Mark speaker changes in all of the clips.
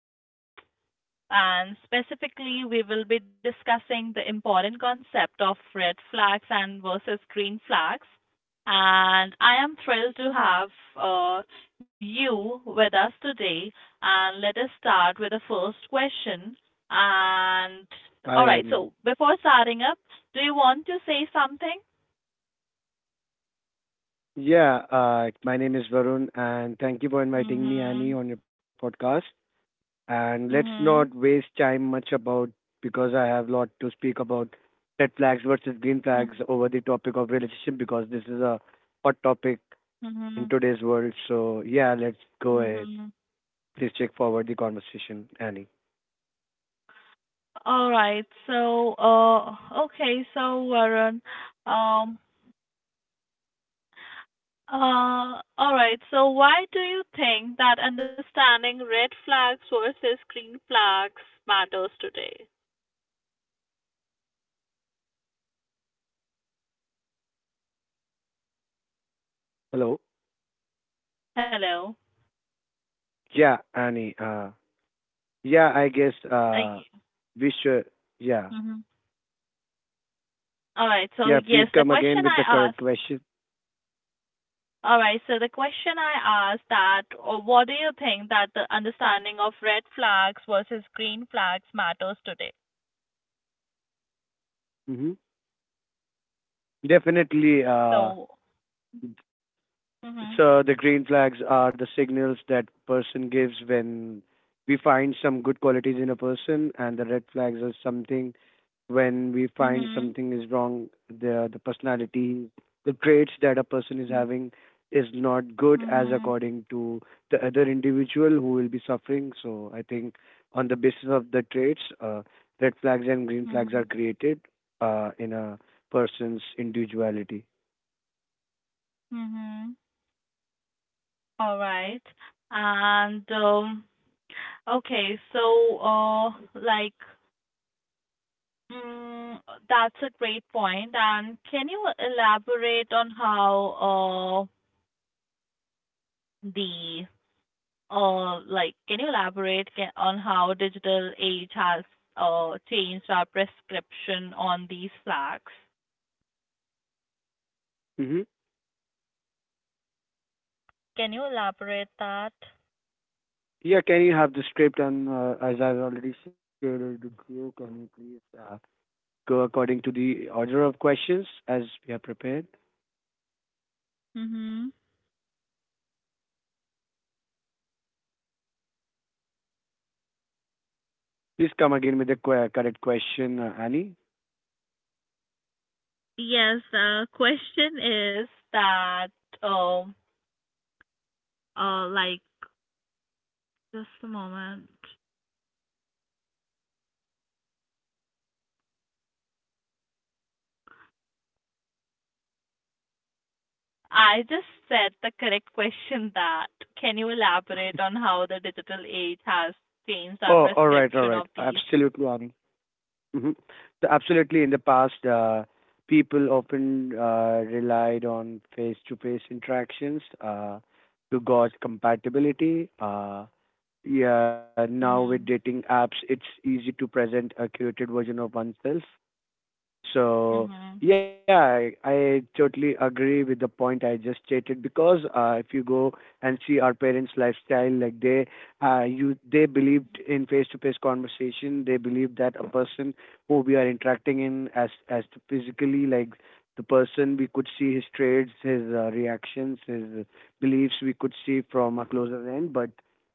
Speaker 1: relationship, and specifically we will be discussing the important concept of red flags and versus green flags. And I am thrilled to have uh, you with us today. And let us start with the first question. And
Speaker 2: I
Speaker 1: all right,
Speaker 2: am.
Speaker 1: so before starting up, do you want to say something?
Speaker 2: Yeah, my name is Varun, and thank you for inviting me,
Speaker 1: Mhm.
Speaker 2: Annie, on your podcast. And let's
Speaker 1: Mhm.
Speaker 2: not waste time much about because I have a lot to speak about red flags versus green flags
Speaker 1: Mhm.
Speaker 2: over the topic of relationship because this is a hot topic in
Speaker 1: Mhm.
Speaker 2: today's world. So yeah, let's go ahead.
Speaker 1: Mhm.
Speaker 2: Please check forward the conversation, Annie.
Speaker 1: All right. So, okay. So, Varun, um, all right. So why do you think that understanding red flags versus green flags matters today?
Speaker 2: Hello.
Speaker 1: Hello.
Speaker 2: Yeah, Annie. Yeah, I guess
Speaker 1: Uh,
Speaker 2: we should. Yeah,
Speaker 1: mm-hmm. All right. So
Speaker 2: yeah. Please
Speaker 1: yes, the
Speaker 2: come again
Speaker 1: question
Speaker 2: with the
Speaker 1: I asked.
Speaker 2: correct question.
Speaker 1: All right. So the question I asked that, or what do you think that the understanding of red flags versus green flags matters today?
Speaker 2: Mm-hmm. Definitely,
Speaker 1: So. Mhm.
Speaker 2: so the green flags are the signals that person gives when we find some good qualities in a person, and the red flags are something when we find
Speaker 1: Mhm.
Speaker 2: something is wrong, the personality, the traits that a person is
Speaker 1: Mhm.
Speaker 2: having is not good as
Speaker 1: Mhm.
Speaker 2: according to the other individual who will be suffering. So I think on the basis of the traits, red flags and green flags are
Speaker 1: Mhm.
Speaker 2: created in a person's individuality.
Speaker 1: Mhm. All right. And Okay, so like mm, That's a great point. And can you elaborate on how the like can you elaborate ca on how digital age has changed our prescription on these flags?
Speaker 2: Mm-hmm.
Speaker 1: Can you elaborate that?
Speaker 2: Yeah, can you have the script and as I've already shared it with you, can you please go according to the order of questions as we are prepared?
Speaker 1: Mm-hmm.
Speaker 2: Please come again with the correct question, Annie.
Speaker 1: Yes, the question is that um uh like just a moment. I just said the correct question that can you elaborate on how the digital age has
Speaker 2: Oh,
Speaker 1: changed
Speaker 2: all
Speaker 1: our
Speaker 2: right, all right.
Speaker 1: prescription of these?
Speaker 2: Absolutely, Annie. hmm So absolutely, in the past, people often relied on face-to-face interactions to gauge compatibility. Yeah, now with
Speaker 1: Mhm.
Speaker 2: dating apps, it's easy to present a curated version of oneself.
Speaker 1: Mhm.
Speaker 2: So yeah, I totally agree with the point I just stated because if you go and see our parents' lifestyle, like they believed in face-to-face conversation. They believed that a person who we are interacting in as to physically, like the person we could see his traits, his reactions, his beliefs, we could see from a closer end. But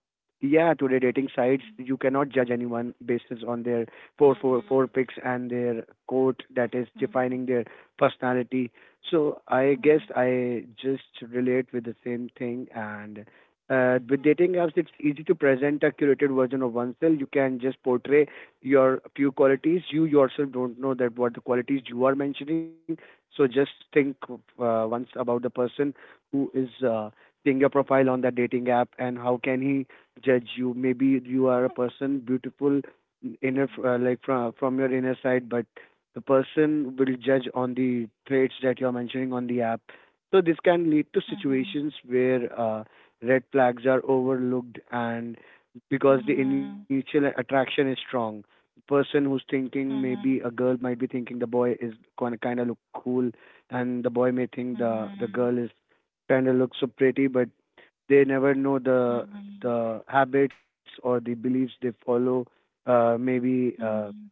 Speaker 2: yeah, today dating sites, you cannot judge anyone basis on their four
Speaker 1: Mhm.
Speaker 2: picks and their coat that is defining
Speaker 1: Mhm.
Speaker 2: their personality. So I guess
Speaker 1: Mhm.
Speaker 2: I just relate with the same thing and with dating apps, it's easy to present a curated version of oneself. You can just portray your few qualities. You yourself don't know that what the qualities you are mentioning. So just think once about the person who is seeing your profile on the dating app and how can he judge you. Maybe you are a person beautiful inner like from your inner side but the person will judge on the traits that you're mentioning on the app, so this can lead to
Speaker 1: Mhm.
Speaker 2: situations where red flags are overlooked and because the
Speaker 1: Mhm.
Speaker 2: initial attraction is strong, the person who's thinking maybe a
Speaker 1: Mhm.
Speaker 2: girl might be thinking the boy is gonna kind of look cool and the boy may think
Speaker 1: Mhm.
Speaker 2: the
Speaker 1: Mhm.
Speaker 2: girl is kind of looks so pretty but they never know the habits or the beliefs they follow, maybe
Speaker 1: Mhm.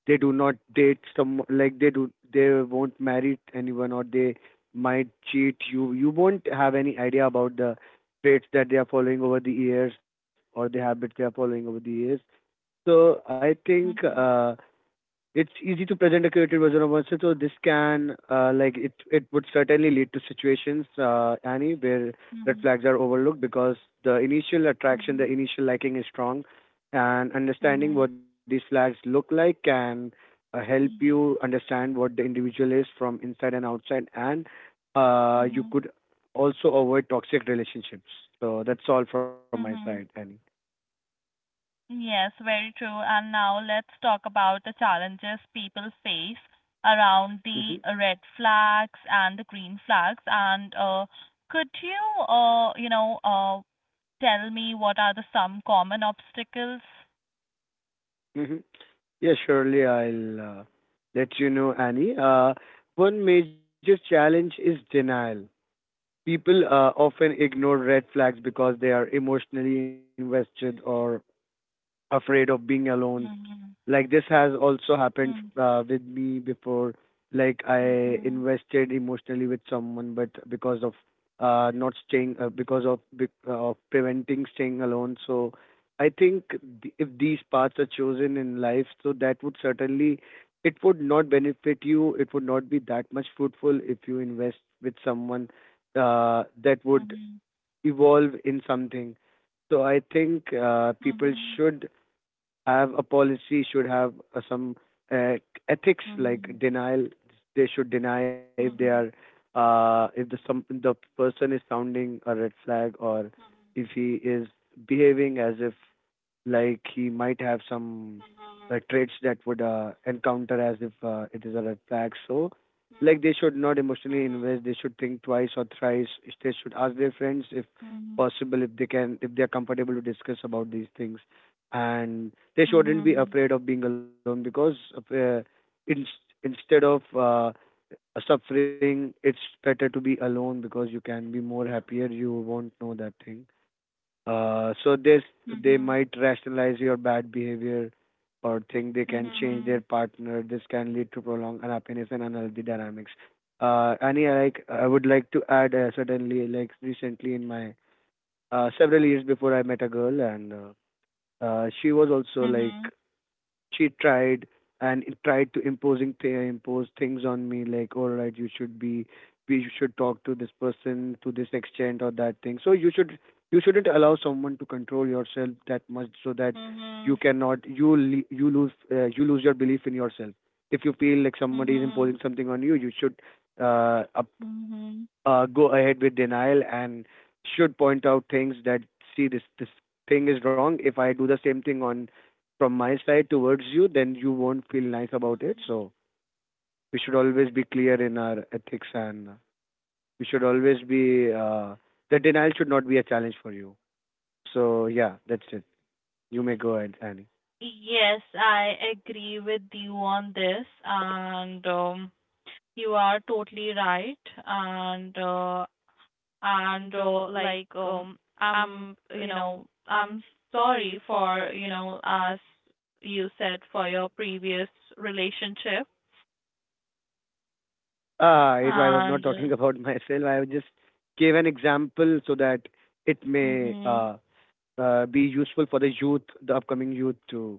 Speaker 2: they do not date some like they do they won't marry anyone or they might cheat you, you won't have any idea about the traits that they are following over the years or the habits they are following over the years. So I think
Speaker 1: Mhm.
Speaker 2: it's easy to present a curated version of oneself. So this can, like, it would certainly lead to situations, Annie, where
Speaker 1: Mhm.
Speaker 2: red flags are overlooked because the initial attraction, the initial liking is strong,
Speaker 1: Mhm. Mhm.
Speaker 2: and
Speaker 1: Mhm. Mhm.
Speaker 2: understanding what these flags look like can help you understand what the individual is from inside and outside, and
Speaker 1: Mhm.
Speaker 2: you
Speaker 1: Mhm.
Speaker 2: could also avoid toxic relationships. So that's all from my
Speaker 1: mhm,
Speaker 2: side,
Speaker 1: mhm,
Speaker 2: Annie.
Speaker 1: Yes, very true. And now let's talk about the challenges people face around the
Speaker 2: hmm
Speaker 1: red flags and the green flags. And could you tell me what are the some common obstacles?
Speaker 2: Mm-hmm. Yeah, surely I'll let you know, Annie. One major challenge is denial. People often ignore red flags because they are emotionally invested or afraid of being alone. Like
Speaker 1: Mhm,
Speaker 2: this has also happened
Speaker 1: mhm,
Speaker 2: with me before. Like I
Speaker 1: mhm,
Speaker 2: invested emotionally with someone, but because of not staying, because of preventing staying alone. So I think if these paths are chosen in life, so that would certainly it would not benefit you. It would not be that much fruitful if you invest with someone that would
Speaker 1: mhm,
Speaker 2: evolve in something. So I think people
Speaker 1: mhm,
Speaker 2: should have a policy, should have some uh, ethics like denial. They should deny if they
Speaker 1: mhm,
Speaker 2: are if the person is sounding a red flag or
Speaker 1: mhm,
Speaker 2: if he is behaving as if like he might have some
Speaker 1: mhm,
Speaker 2: traits that would encounter as if it is a red flag. So like
Speaker 1: mhm,
Speaker 2: they should not emotionally
Speaker 1: mhm,
Speaker 2: invest. They should think twice or thrice. They should ask their friends if
Speaker 1: mhm,
Speaker 2: possible if they can if they are comfortable to discuss about these things and they shouldn't be
Speaker 1: mhm,
Speaker 2: afraid of being alone because in, instead of suffering, it's better to be alone because you can be more happier, you won't know that thing, so this
Speaker 1: mhm,
Speaker 2: they
Speaker 1: mhm,
Speaker 2: might rationalize your bad behavior or think they can change their
Speaker 1: mhm,
Speaker 2: partner. This can lead to prolonged unhappiness and unhealthy dynamics. Annie, I like I would like to add certainly like recently in my several years before I met a girl, and she was also
Speaker 1: mhm,
Speaker 2: like
Speaker 1: mhm.
Speaker 2: she tried and it tried to imposing impose things on me, like all right, you should be, we should talk to this person to this extent or that thing. So you should you shouldn't allow someone to control yourself that much, so that you
Speaker 1: Mhm,
Speaker 2: cannot you you lose your belief in yourself. If you feel like somebody is
Speaker 1: mhm,
Speaker 2: imposing something on you, you should uh, up,
Speaker 1: Mhm.
Speaker 2: go ahead with denial and should point out things that see this thing is wrong. If I do the same thing on from my side towards you, then you won't feel nice about it.
Speaker 1: Mhm.
Speaker 2: So we should always be clear in our ethics, and we should always be the denial should not be a challenge for you. So yeah, that's it. You may go ahead, Annie.
Speaker 1: Yes, I agree with you on this, and you are totally right. And uh, and like I'm, you know, I'm sorry for, as you said, for your previous relationship.
Speaker 2: Ah, it, I was
Speaker 1: And
Speaker 2: not talking about myself. I just gave an example so that it may
Speaker 1: Mhm,
Speaker 2: be useful for the youth, the upcoming youth,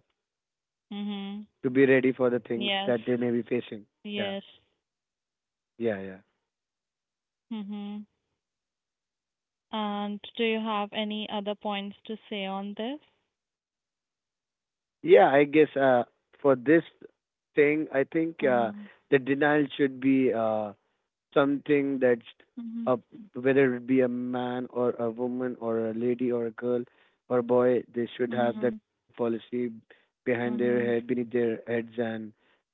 Speaker 1: mhm.
Speaker 2: to be ready for the things
Speaker 1: Yes,
Speaker 2: that they may be facing. Yeah,
Speaker 1: yes.
Speaker 2: yeah, yeah.
Speaker 1: Mhm. And do you have any other points to say on this?
Speaker 2: Yeah, I guess for this thing, I think
Speaker 1: Mhm.
Speaker 2: the denial should be something that,
Speaker 1: Mhm.
Speaker 2: uh, whether it be a man or a woman or a lady or a girl or a boy, they should
Speaker 1: Mhm.
Speaker 2: have that policy behind their head,
Speaker 1: Mhm.
Speaker 2: beneath their heads, and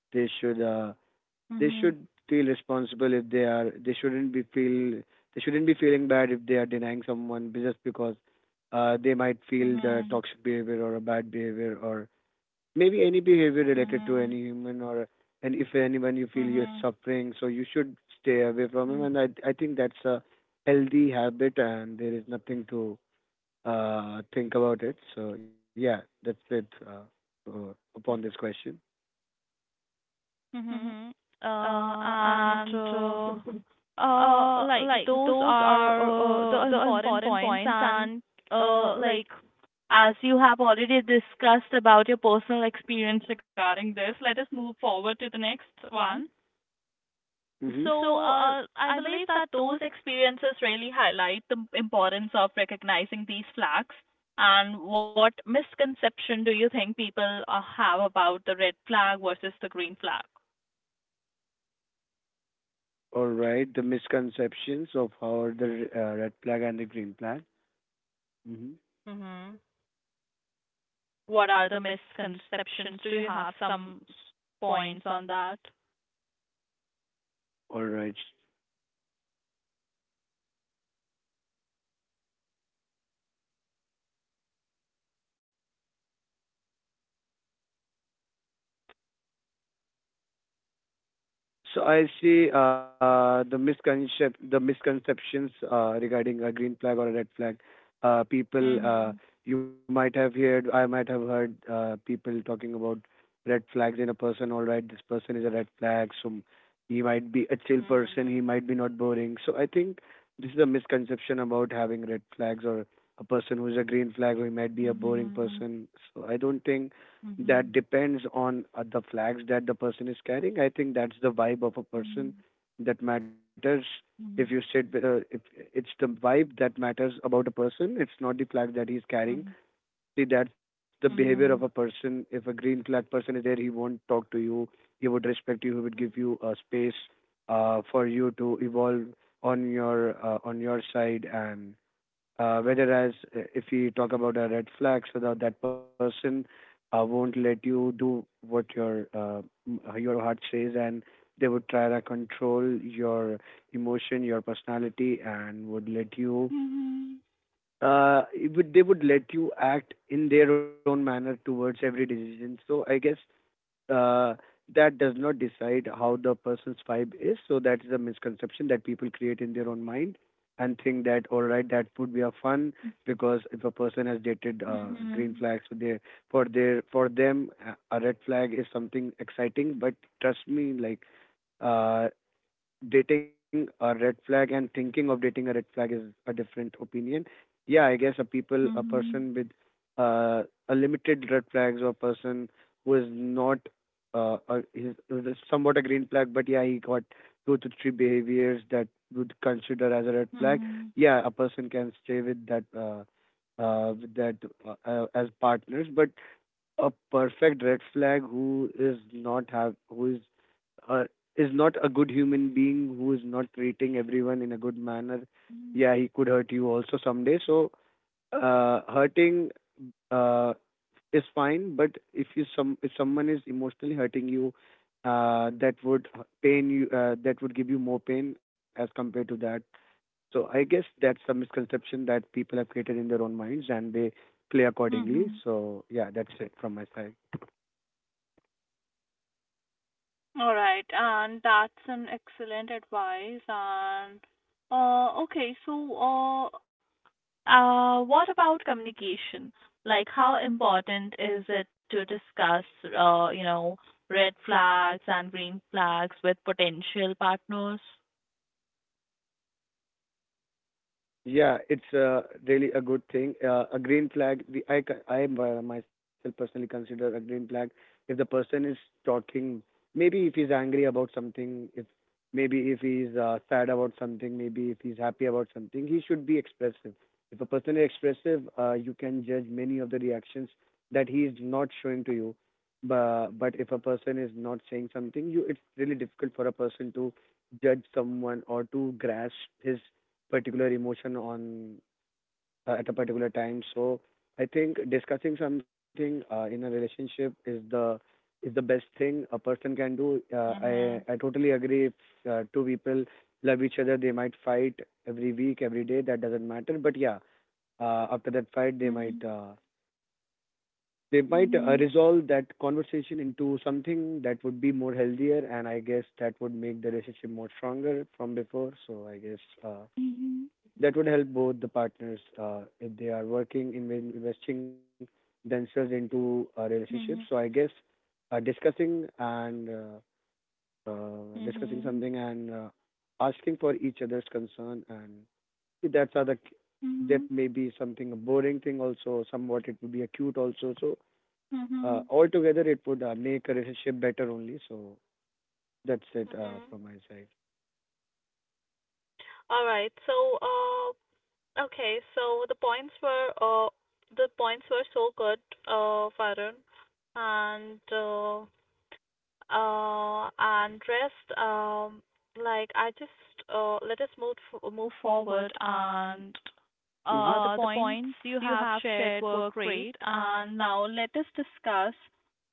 Speaker 2: they should uh,
Speaker 1: Mhm.
Speaker 2: they should feel responsible if they are they shouldn't be feel they shouldn't be feeling bad if they are denying someone just because they might feel
Speaker 1: Mhm.
Speaker 2: the toxic behavior or a bad behavior or maybe any behavior related
Speaker 1: Mhm.
Speaker 2: to any human or and if anyone you feel
Speaker 1: Mhm.
Speaker 2: you're suffering so you should stay away
Speaker 1: Mhm.
Speaker 2: from him and I think that's a healthy habit and there is nothing to think about it. So yeah, that's it uh, upon this question.
Speaker 1: Mhm. And like Those are the important points, and uh, like as you have already discussed about your personal experience regarding this, let us move forward to the next one.
Speaker 2: Mhm.
Speaker 1: So, I believe that those experiences really highlight the importance of recognizing these flags. And what misconception do you think people have about the red flag versus the green flag?
Speaker 2: All right, the misconceptions of how the red flag and the green flag. hmm
Speaker 1: Hmm. What are the misconceptions? Do you have some points on that?
Speaker 2: All right. So I see the misconceptions regarding a green flag or a red flag. Uh, people,
Speaker 1: Mhm.
Speaker 2: uh, you might have heard, I might have heard people talking about red flags in a person. All right, this person is a red flag, so he might be a chill person. He
Speaker 1: Mhm.
Speaker 2: might be not boring. So I think this is a misconception about having red flags or a person who is a green flag or he might be a boring
Speaker 1: Mhm.
Speaker 2: person. So I don't think that depends on the flags that the person is carrying. I think that's the vibe of a
Speaker 1: Mhm.
Speaker 2: person
Speaker 1: Mhm.
Speaker 2: that matters. If you
Speaker 1: Mhm.
Speaker 2: sit, with a- if it's the vibe that matters about a person, it's not the flag that he's carrying. See, that's the behavior of
Speaker 1: Mhm.
Speaker 2: a person. If a green flag person is there, he won't talk to you. He would respect you. He would give
Speaker 1: Mhm.
Speaker 2: you a space for you to evolve on your side and whereas if we talk about a red flag, so that person won't let you do what your heart says, and they would try to control your emotion, your personality, and would let you.
Speaker 1: Mhm.
Speaker 2: They would let you act in their own manner towards every decision. So I guess uh, that does not decide how the person's vibe is. So that is a misconception that people create in their
Speaker 1: Mhm.
Speaker 2: own mind and think that all right, that would be a fun
Speaker 1: Mhm.
Speaker 2: because if a person has dated
Speaker 1: Mhm.
Speaker 2: green
Speaker 1: Mhm.
Speaker 2: flags for their for their for them, a red flag is something exciting. But trust me, like uh, dating a red flag and thinking of dating a red flag is a different opinion. Yeah, I guess a people, a
Speaker 1: Mhm.
Speaker 2: person with a limited red flags or a person who is not a, is somewhat a green flag, but yeah, he got two to three behaviors that would consider as a red flag.
Speaker 1: Mhm.
Speaker 2: Yeah, a person can stay with that as partners, but a perfect red flag who is not have who uh, is not a good human being who is not treating everyone in a good manner,
Speaker 1: Mm.
Speaker 2: yeah, he could hurt you also someday. So hurting uh, is fine, but if you some if someone is emotionally hurting you, that would pain you. Uh, that would give you more pain as compared to that. So I guess that's a misconception that people have created in their own minds, and they play accordingly.
Speaker 1: Mhm.
Speaker 2: So yeah, that's it from my side.
Speaker 1: All right, and that's an excellent advice. And okay, so What about communication? Like, how important is it to discuss, uh, you know, red flags and green flags with potential partners?
Speaker 2: Yeah, it's really a good thing. A green flag, the, I, I myself personally consider a green flag if the person is talking, maybe if he's angry about something, if maybe if he's sad about something, maybe if he's happy about something, he should be expressive. If a person is expressive, you can judge many of the reactions that he is not showing to you. But if a person is not saying something, you it's really difficult for a person to judge someone or to grasp his particular emotion on at a particular time. So I think discussing something in a relationship is the best thing a person can do. Uh, I
Speaker 1: Mhm.
Speaker 2: I totally agree. If two people love each other, they might fight every week, every day. That doesn't matter. But yeah, after that fight,
Speaker 1: Mhm.
Speaker 2: they might
Speaker 1: Mhm.
Speaker 2: resolve that conversation into something that would be more healthier, and I guess that would make the relationship more stronger from before. So I guess
Speaker 1: Mhm.
Speaker 2: that would help both the partners if they are working in investing themselves into a relationship. So I
Speaker 1: Mhm.
Speaker 2: guess discussing and discussing something
Speaker 1: Mhm.
Speaker 2: and asking for each other's concern and see, that's other that
Speaker 1: Mhm.
Speaker 2: may be something a boring thing also. Somewhat it would be acute also. So
Speaker 1: Mhm.
Speaker 2: altogether it would make a relationship better only. So that's it
Speaker 1: Mhm.
Speaker 2: from my side.
Speaker 1: All right. So, the points were so good, Varun, and uh, and rest like I just let us move forward, and
Speaker 2: Mm-hmm.
Speaker 1: the points you have shared were great, and now let us discuss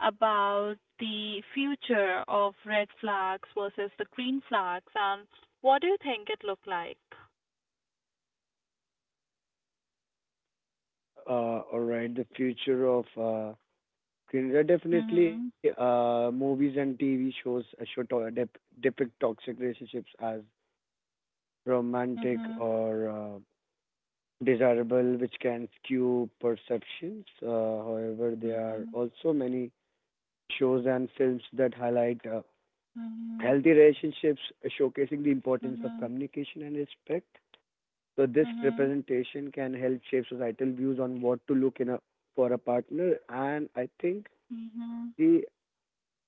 Speaker 1: about the future of red flags versus the green flags, and what do you think it look like?
Speaker 2: All right, the future of okay, definitely,
Speaker 1: Mhm.
Speaker 2: movies and TV shows depict toxic relationships as romantic
Speaker 1: Mhm.
Speaker 2: or desirable, which can skew perceptions. However, there are
Speaker 1: Mhm.
Speaker 2: also many shows and films that highlight healthy
Speaker 1: Mhm.
Speaker 2: relationships, showcasing the importance of
Speaker 1: Mhm.
Speaker 2: communication and respect. So, this
Speaker 1: Mhm.
Speaker 2: representation can help shape societal views on what to look in a for a partner, and I think
Speaker 1: Mhm.
Speaker 2: the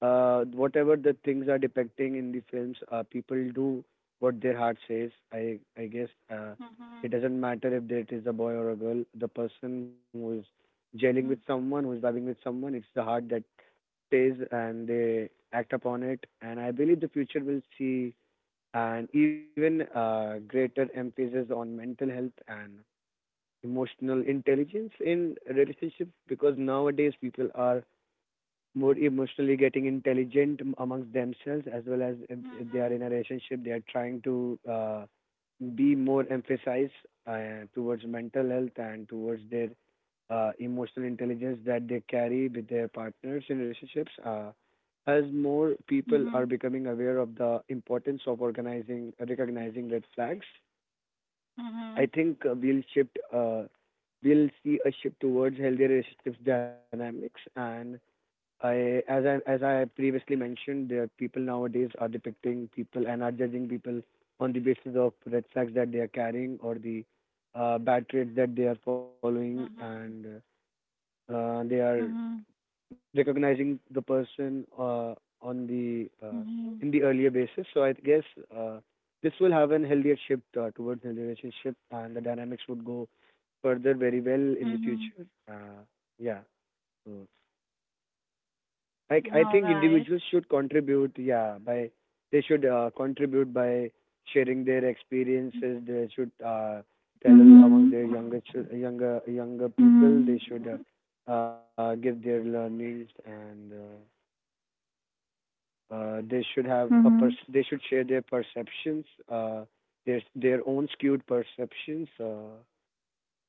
Speaker 2: whatever the things are depicting in the films, people do what their heart says. I guess it
Speaker 1: Mhm.
Speaker 2: doesn't matter if it is a boy or a girl. The person who is gelling with someone, who
Speaker 1: Mhm.
Speaker 2: is vibing with someone, it's the heart that says, and they act upon it. And I believe the future will see an even greater emphasis on mental health and emotional intelligence in relationships, because nowadays people are more emotionally getting intelligent amongst themselves, as well as if they are in a
Speaker 1: Mhm.
Speaker 2: relationship they are trying to be more emphasized towards mental health and towards their emotional intelligence that they carry with their partners in relationships. Uh, as more people are
Speaker 1: Mhm.
Speaker 2: becoming aware of the importance of organizing recognizing red flags, I
Speaker 1: Mhm.
Speaker 2: think we'll see a shift towards healthier relationships dynamics. And I as I as I previously mentioned, the people nowadays are depicting people and are judging people on the basis of red flags that they are carrying or the bad traits that they are following,
Speaker 1: Mhm.
Speaker 2: and they are
Speaker 1: Mhm.
Speaker 2: recognizing the person on the
Speaker 1: Mhm.
Speaker 2: in the earlier basis. So I guess uh, this will have an healthier shift towards healthy relationship, and the dynamics would go further very well in the
Speaker 1: Mhm.
Speaker 2: future. Yeah. So like I
Speaker 1: All
Speaker 2: think
Speaker 1: right.
Speaker 2: individuals should contribute, yeah, by they should contribute by sharing their experiences. They should tell among
Speaker 1: Mhm.
Speaker 2: their younger younger people. They
Speaker 1: Mhm.
Speaker 2: should give their learnings and they should have
Speaker 1: Mhm.
Speaker 2: they should share their perceptions, their own skewed perceptions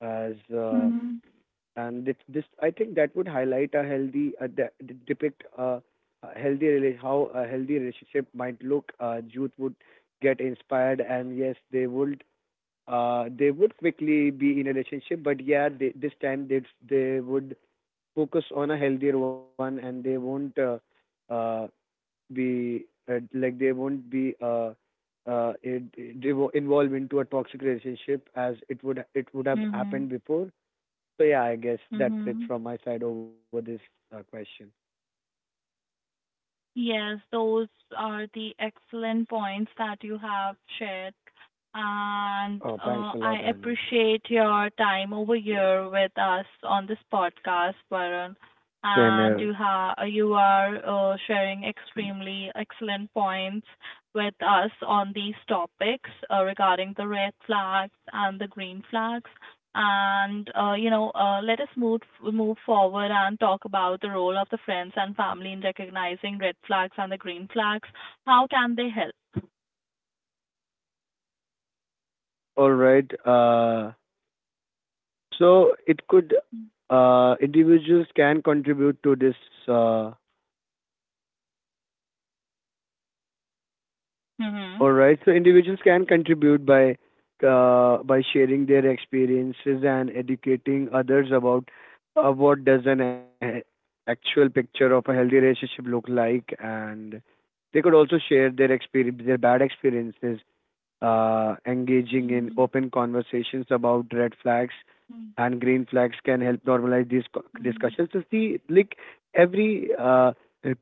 Speaker 2: as
Speaker 1: Mhm.
Speaker 2: and this I think that would highlight a healthy depict a healthy how a healthy relationship might look. Youth would get inspired, and yes, they would quickly be in a relationship. But yeah, they, this time they would focus on a healthier one, and they won't uh, be like they won't be. It, it, they wo- involved into a toxic relationship as it would have happened
Speaker 1: Mhm.
Speaker 2: before. So yeah, I guess that's it
Speaker 1: Mhm.
Speaker 2: from my side over this question.
Speaker 1: Yes, those are the excellent points that you have shared. And
Speaker 2: Oh, thanks a
Speaker 1: I
Speaker 2: lot, Annie.
Speaker 1: appreciate your time over here with us on this podcast, Varun.
Speaker 2: Same
Speaker 1: And
Speaker 2: here.
Speaker 1: you have you are sharing extremely excellent points with us on these topics regarding the red flags and the green flags, and let us move forward and talk about the role of the friends and family in recognizing red flags and the green flags. How can they help?
Speaker 2: All right. So it could individuals can contribute to this. Uh,
Speaker 1: Mhm,
Speaker 2: all right. So individuals can contribute by sharing their experiences and educating others about what does actual picture of a healthy relationship look like, and they could also share their experience, their bad experiences, engaging in
Speaker 1: mhm,
Speaker 2: open conversations about red flags
Speaker 1: mhm,
Speaker 2: and green flags can help normalize these discussions. So see, like every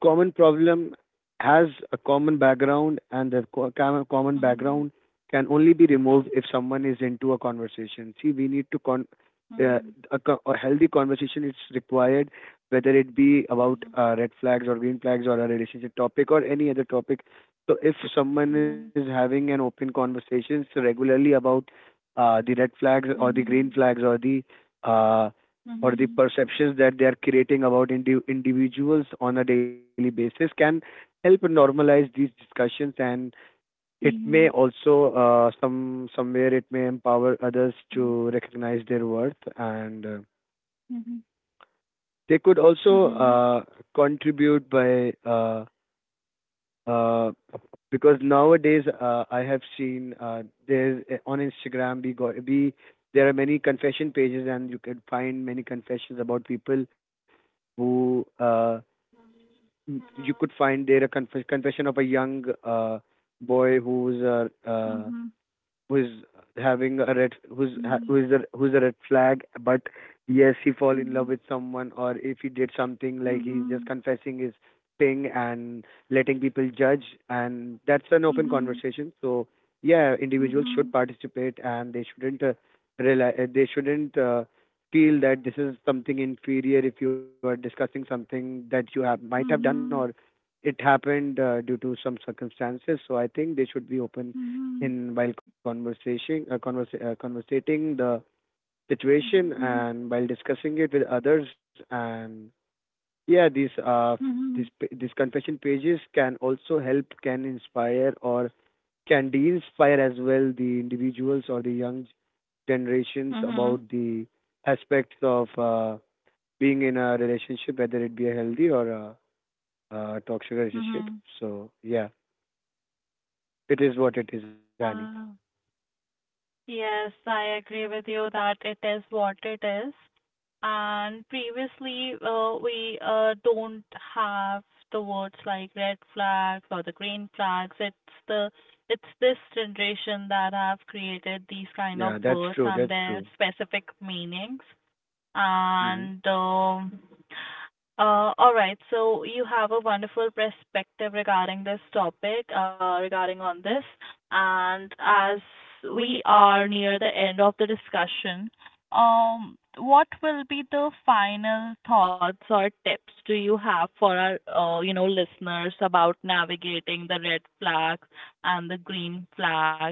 Speaker 2: common problem has a common background, and the common
Speaker 1: mhm,
Speaker 2: background can only be removed if someone is into a conversation. See, we need to con. Uh,
Speaker 1: mhm,
Speaker 2: a, a healthy conversation is required, whether it be about
Speaker 1: mhm,
Speaker 2: red flags or green flags or a relationship topic or any other topic. So if someone is having an open conversations regularly about the red flags or the green
Speaker 1: mhm,
Speaker 2: flags uh,
Speaker 1: mhm,
Speaker 2: or the
Speaker 1: mhm,
Speaker 2: perceptions that they are creating about individuals on a daily basis, can help normalize these discussions, and it may
Speaker 1: mhm,
Speaker 2: also somewhere it may empower others to recognize their worth. And they could
Speaker 1: mhm,
Speaker 2: also
Speaker 1: mhm, mhm,
Speaker 2: contribute by uh, because nowadays I have seen there on Instagram we got we there are many confession pages, and you can find many confessions about people who you could
Speaker 1: mhm,
Speaker 2: find there a confession of a young boy who's who's having a red who's
Speaker 1: mhm,
Speaker 2: ha-
Speaker 1: mhm,
Speaker 2: who's
Speaker 1: mhm,
Speaker 2: a who's a red flag. But yes, he fall
Speaker 1: mhm,
Speaker 2: in love with
Speaker 1: mhm,
Speaker 2: someone, or if he did something like he's just confessing his thing and letting people judge, and that's an
Speaker 1: mhm,
Speaker 2: open
Speaker 1: mhm, mhm,
Speaker 2: conversation. So yeah, individuals should participate, and they shouldn't rely they shouldn't feel that this is something inferior if you are discussing something that you have might have done, or it happened due to some circumstances. So I think they should be open
Speaker 1: mhm,
Speaker 2: in while conversation conversating the
Speaker 1: mhm,
Speaker 2: situation
Speaker 1: mhm.
Speaker 2: and while discussing it with others. And yeah,
Speaker 1: Mhm.
Speaker 2: these these confession pages can also help, can inspire or can de-inspire as well the individuals or the young generations
Speaker 1: Mhm.
Speaker 2: about the aspects of being in a relationship, whether it be a healthy or a toxic relationship.
Speaker 1: Mhm.
Speaker 2: So yeah, it is what it is, Annie.
Speaker 1: Uh, yes, I agree with you that it is what it is. And previously, we don't have the words like red flags or the green flags. The it's this generation that have created these
Speaker 2: Yeah,
Speaker 1: kind of
Speaker 2: that's true,
Speaker 1: words
Speaker 2: that's
Speaker 1: and
Speaker 2: true.
Speaker 1: their specific meanings.
Speaker 2: Hmm.
Speaker 1: And All right, so you have a wonderful perspective regarding this topic, regarding on this. And as we are near the end of the discussion, what will be the final thoughts or tips do you have for our, listeners about navigating the red flags and the green flags?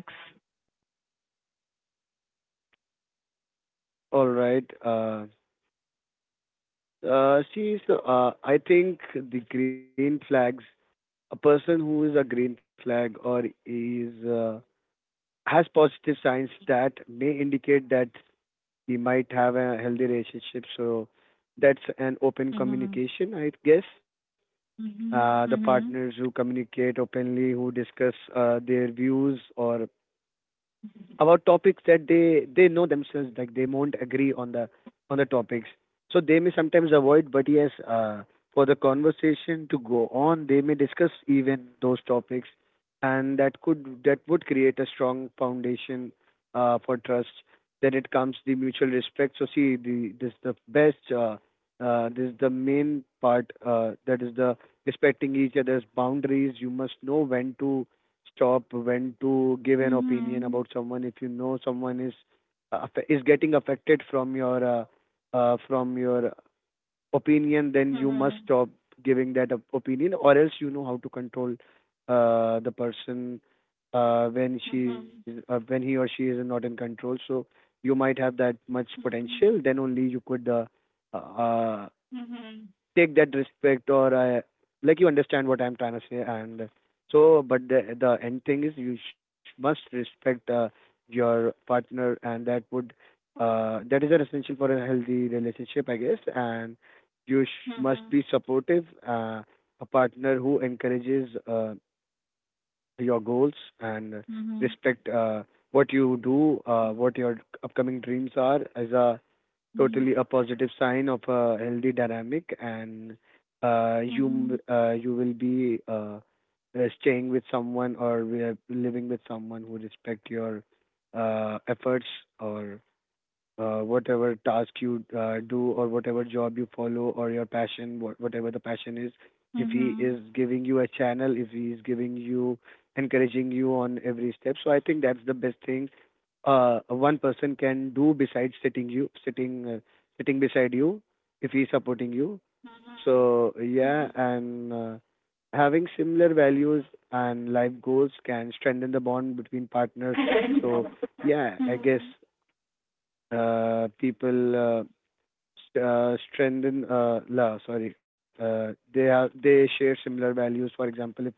Speaker 2: All right. See, so I think the green flags, a person who is a green flag or is has positive signs that may indicate that he might have a healthy relationship. So that's an open
Speaker 1: Mm-hmm.
Speaker 2: communication, I guess.
Speaker 1: Mm-hmm.
Speaker 2: The
Speaker 1: Mm-hmm.
Speaker 2: partners who communicate openly, who discuss their views or about topics that they know themselves, like they won't agree on the topics, so they may sometimes avoid, but yes, for the conversation to go on they may discuss even those topics, and that would create a strong foundation for trust. Then it comes the mutual respect. So see, the this is the best, this is the main part, that is the respecting each other's boundaries. You must know when to stop, when to give an
Speaker 1: Mm-hmm.
Speaker 2: opinion about someone. If you know someone is is getting affected from your opinion, then you
Speaker 1: Mm-hmm.
Speaker 2: must stop giving that opinion, or else you know how to control the person when she's
Speaker 1: Mhm.
Speaker 2: when he or she is not in control. So you might have that much
Speaker 1: Mhm.
Speaker 2: potential, then only you could uh,
Speaker 1: Mhm.
Speaker 2: take that respect. Like, you understand what I'm trying to say. And so, but the end thing is you must respect your partner, and that would that is an essential for a healthy relationship, I guess. And you
Speaker 1: Mhm.
Speaker 2: must be supportive. A partner who encourages your goals and
Speaker 1: Mhm.
Speaker 2: respect what you do,
Speaker 1: Mhm.
Speaker 2: what your upcoming dreams are, as a totally a positive sign of a healthy dynamic. And
Speaker 1: Mhm.
Speaker 2: you will be staying with someone, or we are living with someone who respect your efforts or whatever task you do, or whatever job you follow, or your passion, whatever the passion is, if he
Speaker 1: Mhm.
Speaker 2: is giving you a channel, if he is giving you, encouraging you on every step. So I think that's the best thing one person can do, besides sitting you, sitting, sitting beside you, if he's supporting you.
Speaker 1: Mhm.
Speaker 2: So yeah,
Speaker 1: Mhm.
Speaker 2: and having similar values and life goals can strengthen the bond between partners. So
Speaker 1: Mhm.
Speaker 2: yeah, I guess people st- strengthen la sorry they have they share similar values. For example, if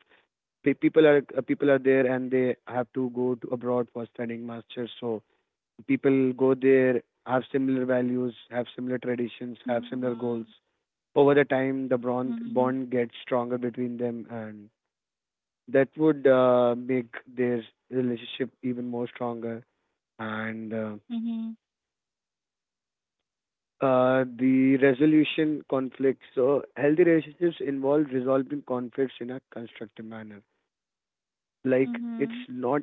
Speaker 2: people are people are there and they have to go to abroad for studying masters, so people go there, have similar values, have similar traditions,
Speaker 1: Mhm.
Speaker 2: have similar
Speaker 1: Mhm.
Speaker 2: goals. Over the time, the bond
Speaker 1: Mhm.
Speaker 2: bond gets stronger between them, and that would make their relationship even more stronger. And the resolution conflicts. So healthy relationships involve resolving conflicts in a constructive manner.
Speaker 1: Mhm.
Speaker 2: Like, it's
Speaker 1: Mhm.
Speaker 2: not,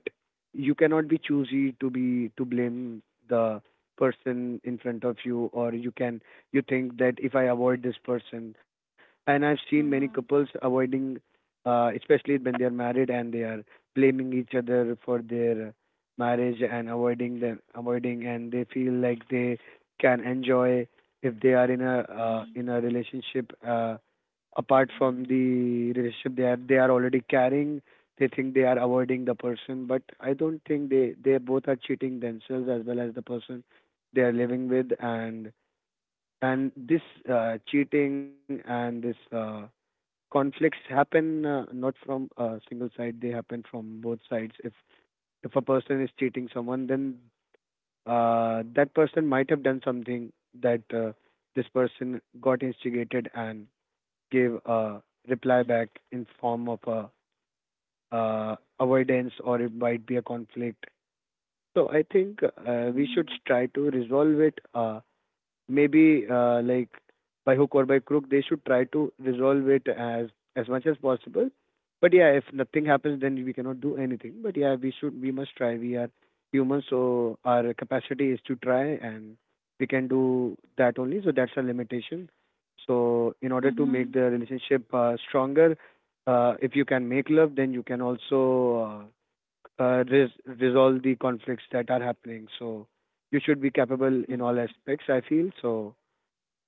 Speaker 2: you cannot be choosy to be to blame the person in front of you, or you can, you think that if I avoid this person, and I've seen many couples avoiding, especially when they are married and they are blaming each other for their marriage and avoiding them, avoiding, and they feel like they can enjoy if they are
Speaker 1: Mhm.
Speaker 2: in a relationship apart from
Speaker 1: Mhm.
Speaker 2: the relationship they are, they are already carrying, they think they are avoiding the person. But I don't think, they both are cheating themselves as well as the person they are living with. And this cheating and this, conflicts happen, not from a single side; they happen from both sides. If a person is cheating someone, then that person might have done something that this person got instigated and gave a reply back in form of a avoidance, or it might be a conflict. So I think
Speaker 1: Mhm.
Speaker 2: we
Speaker 1: Mhm.
Speaker 2: should try to resolve it. Maybe like, by hook or by crook, they should try to resolve it as much as possible. But yeah, if nothing happens, then we cannot do anything. But yeah, we must try. We are humans, so our capacity is to try, and we can do that only, so that's a limitation. So in order to
Speaker 1: Mhm.
Speaker 2: make the relationship stronger, if you can make love, then you can also resolve the conflicts that are happening. So you should be capable
Speaker 1: Mhm.
Speaker 2: in
Speaker 1: Mhm.
Speaker 2: all aspects, I feel. So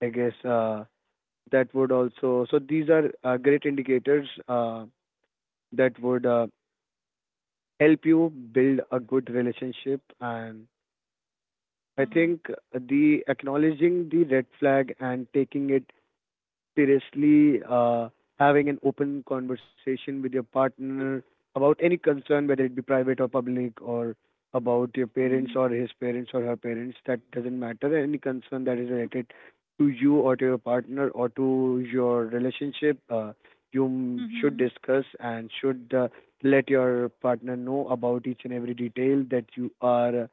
Speaker 2: I guess that would also, so these are great indicators that would help you build a good relationship. And I think the acknowledging the red flag and taking it seriously, having an open conversation with your partner about any concern, whether it be private or public, or about your parents or his parents or her parents, that doesn't matter. Any concern that is related to you or to your partner or to your relationship,
Speaker 1: Mhm.
Speaker 2: should
Speaker 1: Mhm.
Speaker 2: discuss and should let your partner know about each and every detail that you are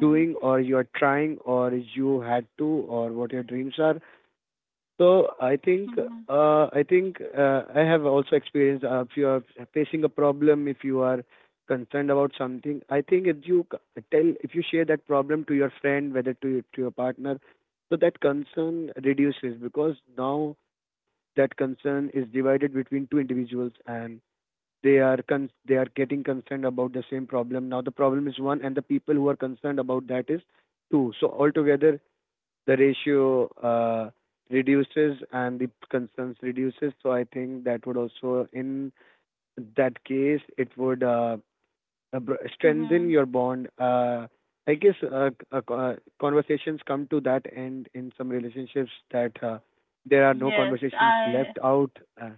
Speaker 2: doing, or you're trying, or you had to, or what your dreams are. So I think
Speaker 1: Mhm.
Speaker 2: uh, i think I have also experienced, if you are facing a problem, if you are concerned about something, I think if you share that problem to your friend, whether to your partner, so that concern reduces, because now that concern is divided between two individuals. And they are they are getting concerned about the same problem. Now the problem is one and the people who are concerned about that is two, so altogether the ratio uh, reduces and the concerns reduces. So I think that would also, in that case it would strengthen
Speaker 1: Mhm.
Speaker 2: your bond. I guess, conversations come to that end in some relationships that there are no
Speaker 1: Yes,
Speaker 2: conversations left
Speaker 1: I
Speaker 2: out.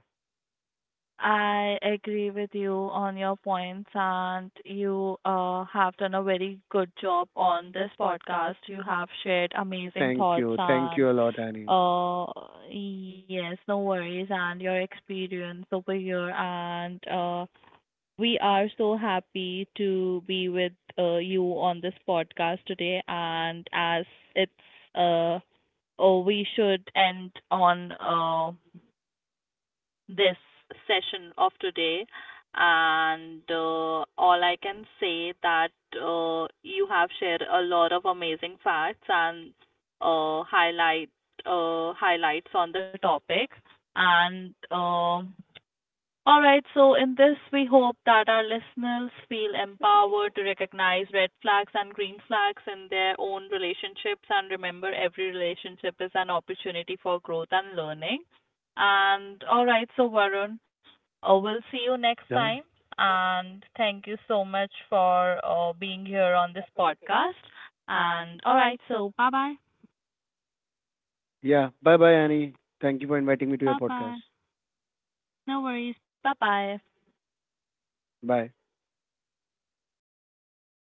Speaker 1: I agree with you on your points, and you have done a very good job on this podcast. You have shared amazing
Speaker 2: Thank you,
Speaker 1: thoughts.
Speaker 2: thank you a
Speaker 1: And
Speaker 2: lot, Annie.
Speaker 1: uh, yes, no worries, and your experience over here, and we are so happy to be with you on this podcast today. And as it's uh, oh, we should end on this session of today, and all I can say that you have shared a lot of amazing facts and uh, highlight highlights on the topic. And All right, so in this, we hope that our listeners feel empowered to recognize red flags and green flags in their own relationships, and remember every relationship is an opportunity for growth and learning. And all right, so Varun, we'll see you next
Speaker 2: Yeah.
Speaker 1: time. And thank you so much for being here on this podcast. And all right, so bye bye.
Speaker 2: Yeah. Bye bye, Annie. Thank you for inviting me to your
Speaker 1: Bye
Speaker 2: podcast.
Speaker 1: bye. No worries. Bye bye.
Speaker 2: Bye.